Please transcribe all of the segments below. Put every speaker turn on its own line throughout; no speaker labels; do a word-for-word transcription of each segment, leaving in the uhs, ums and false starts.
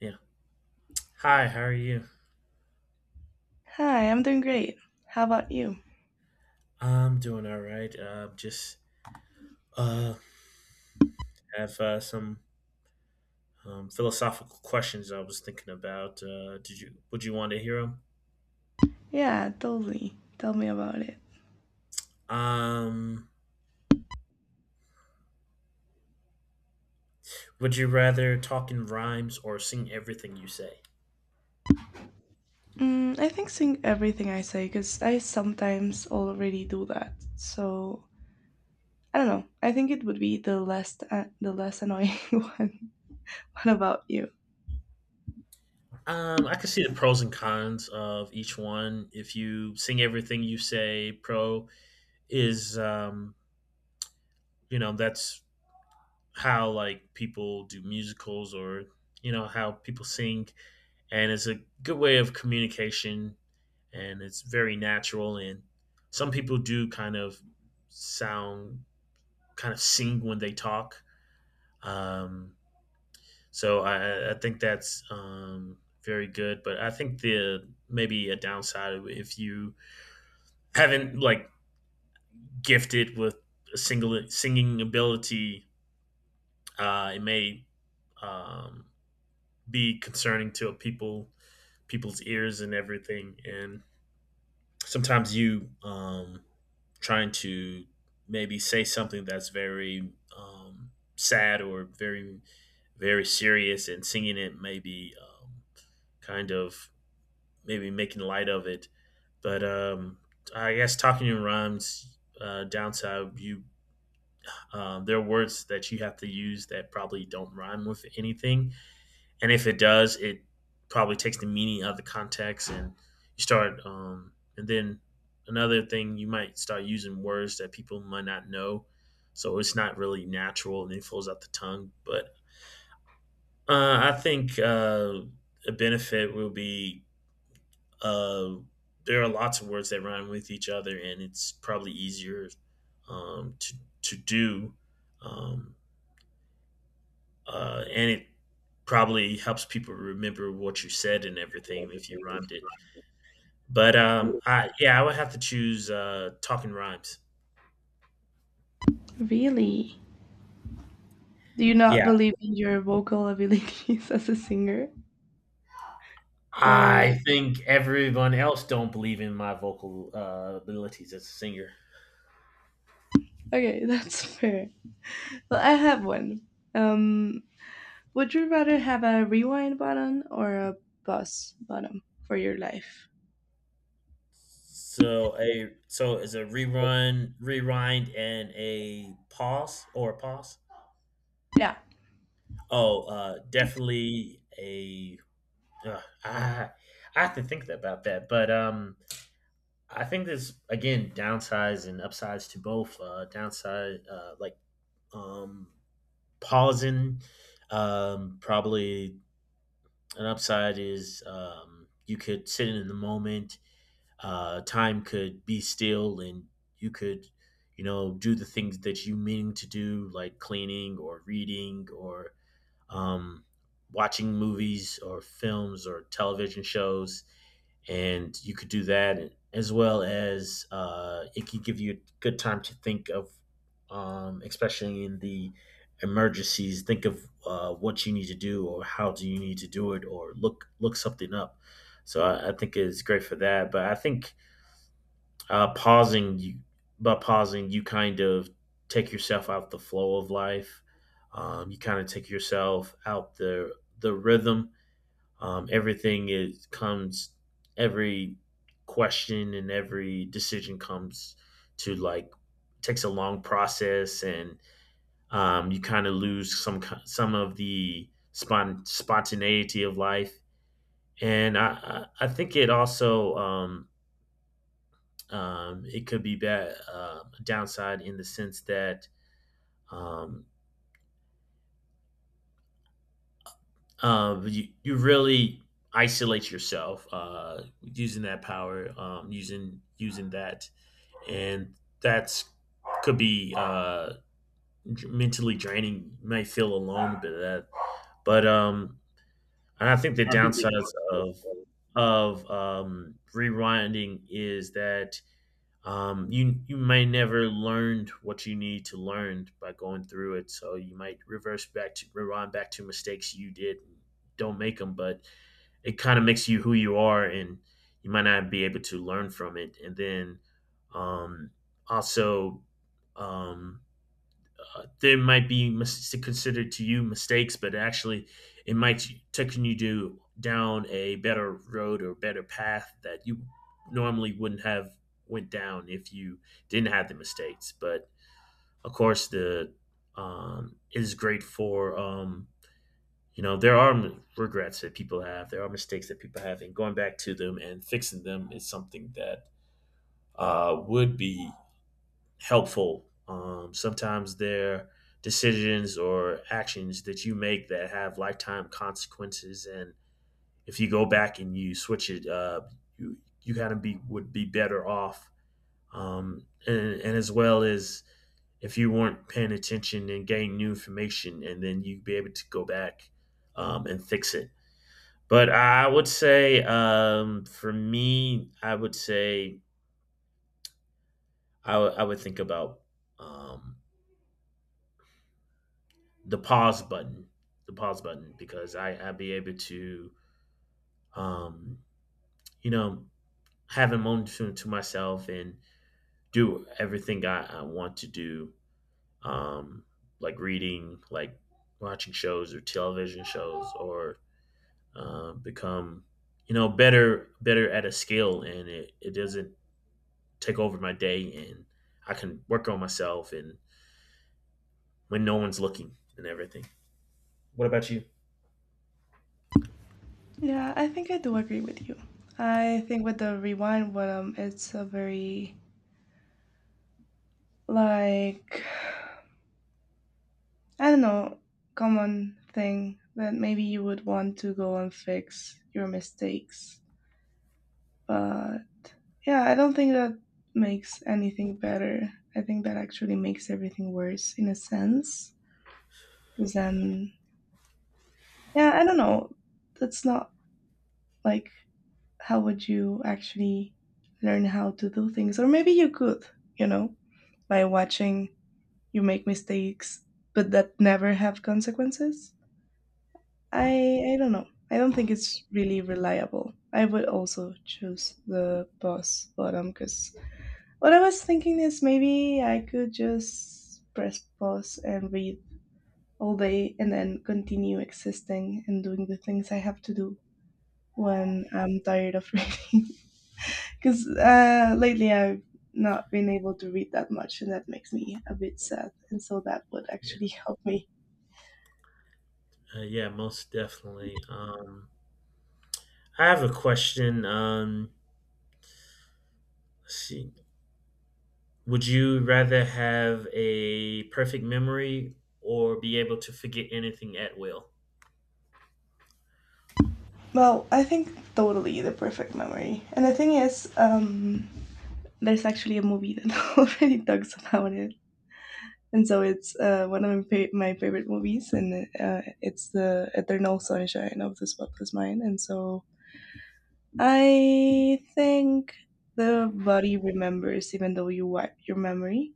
Yeah. Hi, how are you?
Hi, I'm doing great. How about you?
I'm doing all right. Uh, just uh, have uh, some um, philosophical questions I was thinking about. Uh, did you Would you want to hear them?
Yeah, totally. Tell me about it.
Um, would you rather talk in rhymes or sing everything you say?
Mm, I think saying everything I say, because I sometimes already do that. So I don't know. I think it would be the less uh, the less annoying one. What about you?
Um, I could see the pros and cons of each one. If you sing everything you say, pro is um, you know that's how like people do musicals or you know how people sing, and it's a good way of communication, and it's very natural, and some people do kind of sound kind of sing when they talk, um, so I, I think that's um, very good, but I think the maybe a downside of if you haven't like gifted with a single singing ability, uh, it may um, be concerning to people people's ears and everything, and sometimes you um, trying to maybe say something that's very um, sad or very very serious, and singing it maybe um, kind of maybe making light of it. But um, I guess talking in rhymes, uh, downside, you um, there are words that you have to use that probably don't rhyme with anything, and if it does, it probably takes the meaning out of the context, and you start. Um, and then another thing, you might start using words that people might not know, so it's not really natural, and it flows out the tongue. But uh, I think uh, a benefit will be uh, there are lots of words that rhyme with each other, and it's probably easier um, to to do. Um, uh, and it probably helps people remember what you said and everything if you rhymed it. But um, I yeah, I would have to choose uh, talking rhymes.
Really? Do you not
Yeah,
believe in your vocal abilities as a singer? Or
I think everyone else don't believe in my vocal uh, abilities as a singer.
okay, that's fair. Well, I have one. Um, would you rather have a rewind button or a pause button for your life?
So a so is a rerun, rewind, and a pause or a pause.
Yeah.
Oh, uh, definitely a. Uh, I I have to think about that, but um, I think there's again downsides and upsides to both. Uh, downside, uh, like um, pausing, um, probably an upside is um, you could sit in the moment. Uh, time could be still, and you could, you know, do the things that you mean to do, like cleaning or reading or um, watching movies or films or television shows, and you could do that as well as uh, it could give you a good time to think of, um, especially in the emergencies, think of uh, what you need to do or how do you need to do it or look look something up. So I, I think it's great for that. But I think uh, pausing you by pausing you kind of take yourself out the flow of life. Um, you kind of take yourself out the the rhythm um, everything is comes every question and every decision comes to like takes a long process, and um, you kind of lose some some of the spont spontaneity of life, and I, I I think it also um, um, it could be bad, uh, downside in the sense that um, uh, you, you really isolate yourself uh, using that power, um, using using that, and that's could be uh, mentally draining. You may feel alone a bit of that, but um, and I think the downsides of of um, rewinding is that um, you you may never learned what you need to learn by going through it. So you might reverse back to rewind back to mistakes you did, don't make them, but it kind of makes you who you are, and you might not be able to learn from it, and then um, also um, uh, there might be mis- considered to you mistakes, but actually it might take you to down a better road or better path that you normally wouldn't have went down if you didn't have the mistakes. But of course the um, it is great for um, you know there are regrets that people have, there are mistakes that people have, and going back to them and fixing them is something that uh, would be helpful. Um, sometimes there decisions or actions that you make that have lifetime consequences, and if you go back and you switch it, uh, you you kind of be would be better off, um, and, and as well as if you weren't paying attention and gain new information, and then you'd be able to go back um, and fix it. But I would say, um, for me, I would say I would I would think about um, the pause button, the pause button, because I I'd be able to, um, you know, have a moment to, to myself and do everything I, I want to do, um, like reading, like watching shows or television shows, or uh, become, you know, better better at a skill, and it, it doesn't take over my day, and I can work on myself and when no one's looking and everything. What about you?
Yeah, I think I do agree with you. I think with the rewind button, it's a very, like, I don't know, common thing that maybe you would want to go and fix your mistakes. But yeah, I don't think that makes anything better. I think that actually makes everything worse in a sense. Because then, yeah, I don't know. That's not like how would you actually learn how to do things? Or maybe you could, you know, by watching you make mistakes, but that never have consequences. I I don't know. I don't think it's really reliable. I would also choose the pause bottom because what I was thinking is maybe I could just press pause and read all day and then continue existing and doing the things I have to do when I'm tired of reading. Because uh, lately I've not been able to read that much, and that makes me a bit sad. And so that would
Yeah,
actually help me.
uh, yeah, most definitely. Um, I have a question. Um, let's see, would you rather have a perfect memory or be able to forget anything at will?
Well, I think totally the perfect memory. And the thing is, um, there's actually a movie that already talks about it. And so it's uh, one of my, fa- my favorite movies, and uh, it's the Eternal Sunshine of the Spotless Mind. And so I think the body remembers even though you wipe your memory.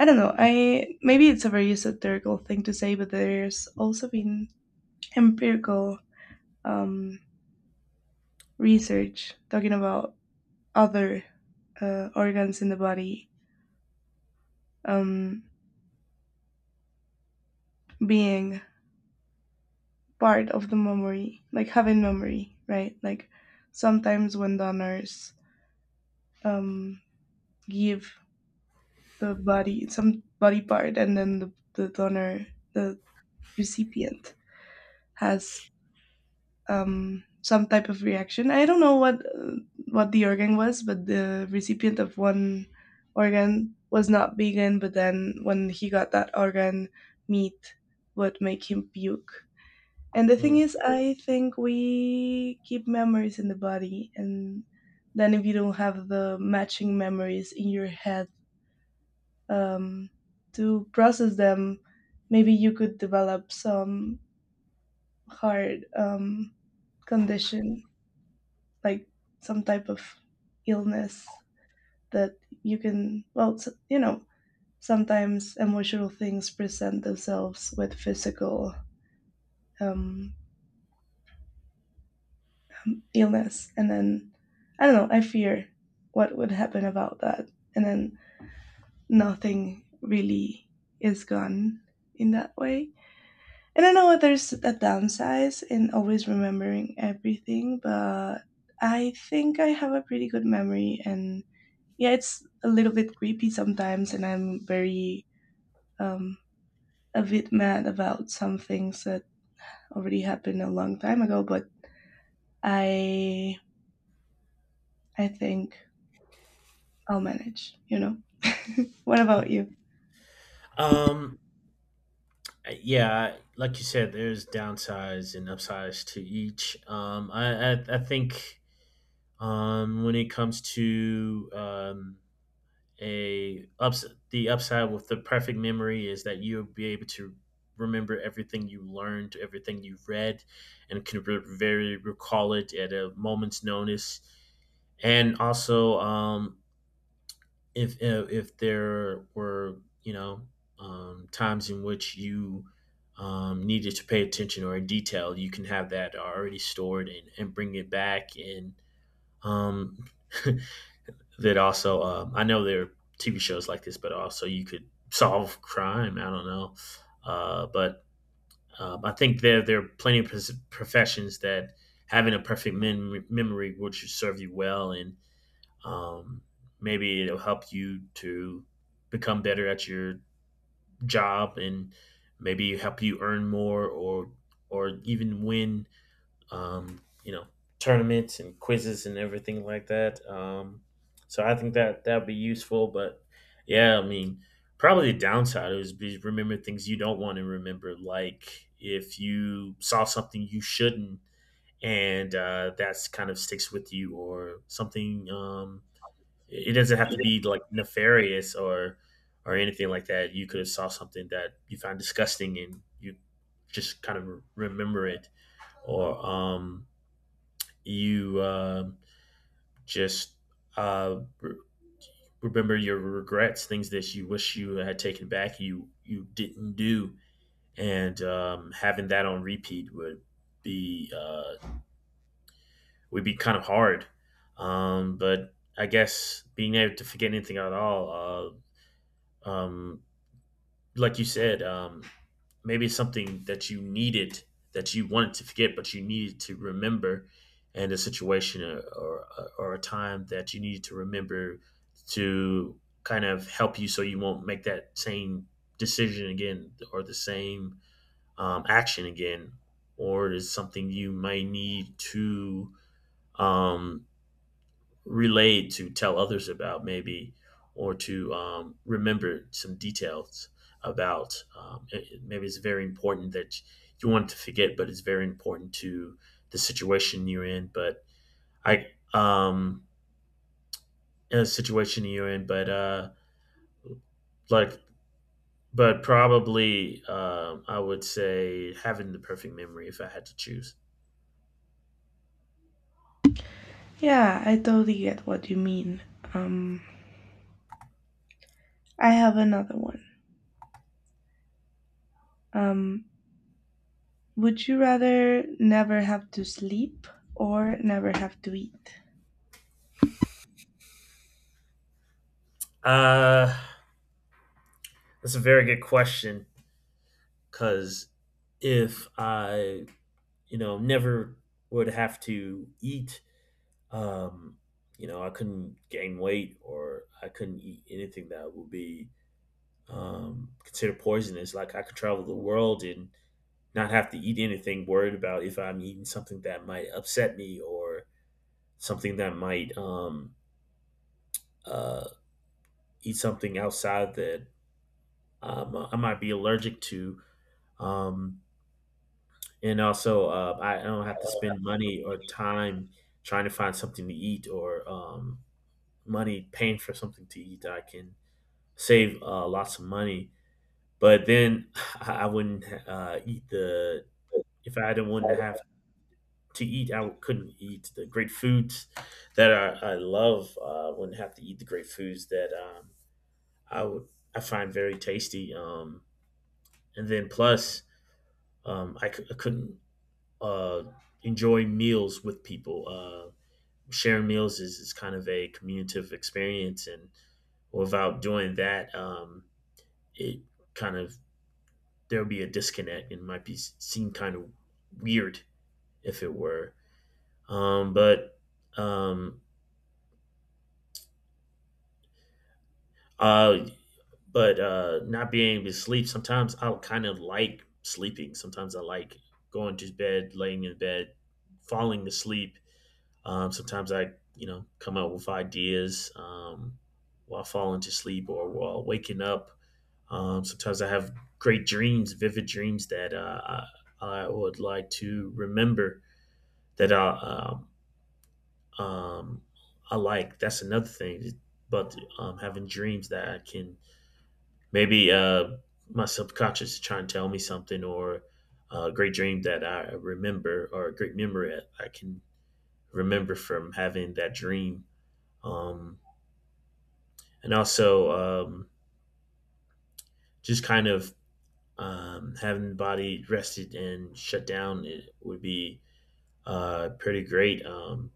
I don't know. I maybe it's a very esoterical thing to say, but there's also been empirical um, research talking about other uh, organs in the body, um, being part of the memory, like having memory, right? Like sometimes when donors um, give the body some body part, and then the, the donor, the recipient, has um, some type of reaction. I don't know what uh, what the organ was, but the recipient of one organ was not vegan. But then when he got that organ, meat would make him puke. And the thing
Mm.
is, I think we keep memories in the body, and then if you don't have the matching memories in your head, um, to process them, maybe you could develop some hard um, condition like some type of illness that you can, well, you know, sometimes emotional things present themselves with physical, um, um, illness. And then, I don't know, I fear what would happen about that. And then nothing really is gone in that way. And I know there's a downside in always remembering everything, but I think I have a pretty good memory and yeah, it's a little bit creepy sometimes, and I'm very um, a bit mad about some things that already happened a long time ago. But I I think I'll manage. You know. What about you?
Um, yeah, like you said, there's downsides and upsides to each. Um, I, I, I think um, when it comes to um, a ups the upside with the perfect memory is that you'll be able to remember everything you learned, everything you've read, and can re- very recall it at a moment's notice. And also, um, if uh, if there were you know um, times in which you um, needed to pay attention or in detail, you can have that already stored, and, and bring it back, and um, that also um, I know there are T V shows like this, but also you could solve crime. I don't know, uh, but um, I think there there are plenty of professions that having a perfect mem- memory will serve you well, and um, maybe it'll help you to become better at your job, and maybe help you earn more or or even win um, you know, tournaments and quizzes and everything like that. Um, so I think that that'd be useful. But yeah, I mean, probably the downside is be remember things you don't want to remember, like if you saw something you shouldn't, and uh, that's kind of sticks with you, or something. Um, it doesn't have to be like nefarious or or anything like that. You could have saw something that you found disgusting, and you just kind of remember it, or um you um just uh, re- remember your regrets, things that you wish you had taken back, you you didn't do, and um, having that on repeat would be uh, would be kind of hard. Um, but I guess being able to forget anything at all, uh, um, like you said, um, maybe something that you needed, that you wanted to forget but you needed to remember, and a situation or, or, or a time that you needed to remember to kind of help you so you won't make that same decision again or the same um, action again, or is something you may need to um, relay to tell others about, maybe, or to um, remember some details about um, it- maybe it's very important that you want to forget, but it's very important to the situation you're in. But I um in a situation you're in but uh like but probably um I would say having the perfect memory if I had to choose.
Yeah, I totally get what you mean. Um, I have another one. Um, would you rather never have to sleep or never have to eat?
uh that's a very good question, because if I, you know, never would have to eat. Um, you know, I couldn't gain weight, or I couldn't eat anything that would be um, considered poisonous. Like I could travel the world and not have to eat anything, worried about if I'm eating something that might upset me, or something that might um, uh, eat something outside that um, I might be allergic to. Um, and also, uh, I don't have to spend money or time trying to find something to eat or um, money paying for something to eat. I can save uh, lots of money, but then I wouldn't uh, eat the if I didn't want to have to eat. I couldn't eat the great foods that I, I love. I Uh, wouldn't have to eat the great foods that um, I would I find very tasty. Um, and then plus, um, I, c- I couldn't uh, enjoy meals with people. Uh, sharing meals is, is kind of a communicative experience, and without doing that, um, it kind of there would be a disconnect and might be seem kind of weird if it were. Um, but um, uh, but uh, not being able to sleep, sometimes I'll kind of like sleeping. Sometimes I like going to bed, laying in bed, falling asleep. Um, sometimes I, you know, come up with ideas um, while falling to sleep or while waking up. Um, sometimes I have great dreams, vivid dreams that uh, I, I would like to remember that I um, um, I like. That's another thing. But um, having dreams that I can maybe uh, my subconscious is trying to tell me something, or uh, a great dream that I remember, or a great memory I can remember from having that dream. Um, and also um, just kind of Um, having the body rested and shut down, it would be uh, pretty great. Um,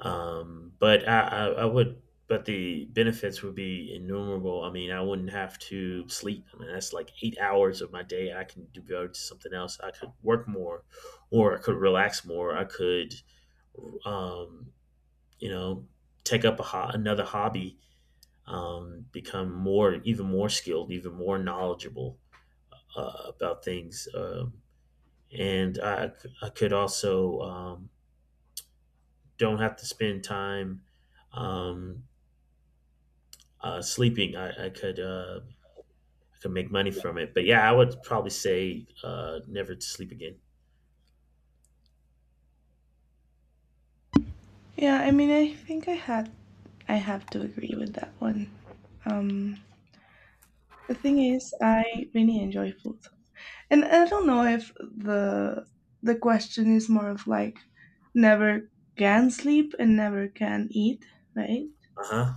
um, but I, I, I would, but the benefits would be innumerable. I mean, I wouldn't have to sleep. I mean, that's like eight hours of my day. I can devote to something else. I could work more, or I could relax more. I could, um, you know, take up a ho- another hobby, um, become more, even more skilled, even more knowledgeable uh, about things. Um, and I, I could also um, don't have to spend time um, uh, sleeping. I, I could uh, I could make money from it. But yeah, I would probably say uh, never to sleep again.
Yeah, I mean, I think I had I have to agree with that one. Um, The thing is, I really enjoy food, and I don't know if the the question is more of like never can sleep and never can eat, right?
Uh huh.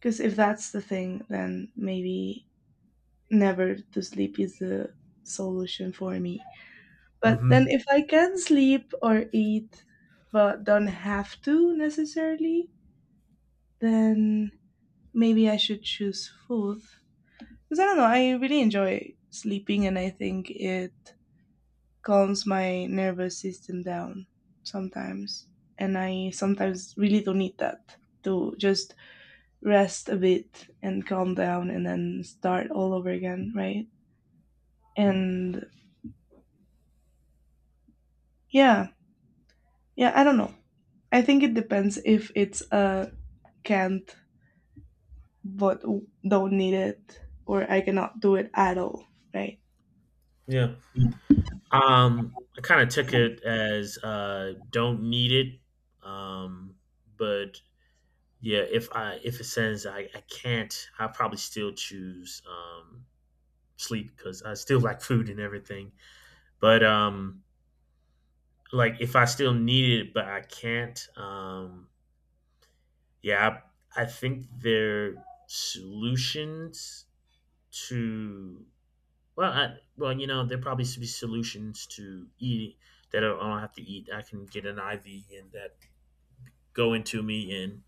Because if that's the thing, then maybe never to sleep is the solution for me. But
Mm-hmm.
then if I can sleep or eat, but don't have to necessarily, then maybe I should choose food because I don't know, I really enjoy sleeping and I think it calms my nervous system down sometimes. And I sometimes really don't need that to just rest a bit and calm down and then start all over again, right? And yeah, yeah, I don't know. I think it depends if it's a can't but don't need it or I cannot do it at all, right?
Yeah. Um, I kind of took it as uh, don't need it. Um, but yeah, if I if it says I, I can't, I probably still choose um, sleep because I still like food and everything. But um, like if I still need it, but I can't. Um, yeah, I, I think their solutions to well, I, well, you know, there probably should be solutions to eating that I don't have to eat. I can get an I V, and that go into me, and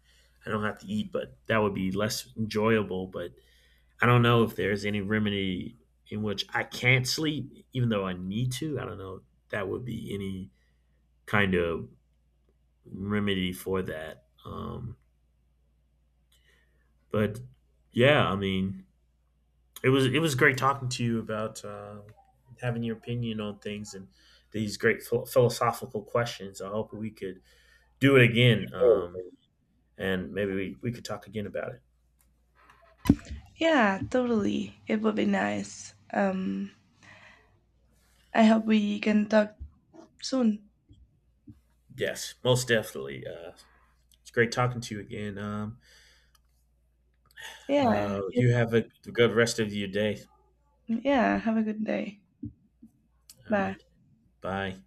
I don't have to eat, but that would be less enjoyable. But I don't know if there's any remedy in which I can't sleep, even though I need to. I don't know if that would be any kind of remedy for that. Um, but yeah, I mean, it was it was great talking to you about um having your opinion on things and these great phil- philosophical questions. I hope we could do it again, um, and maybe we, we could talk again about it.
Yeah, totally. It would be nice. Um, I hope we can talk soon.
Yes, most definitely. Uh, it's great talking to you again. Um,
Yeah,
uh,
you
you have a good rest of your day.
Yeah, have a good day.
All
Bye.
right, bye.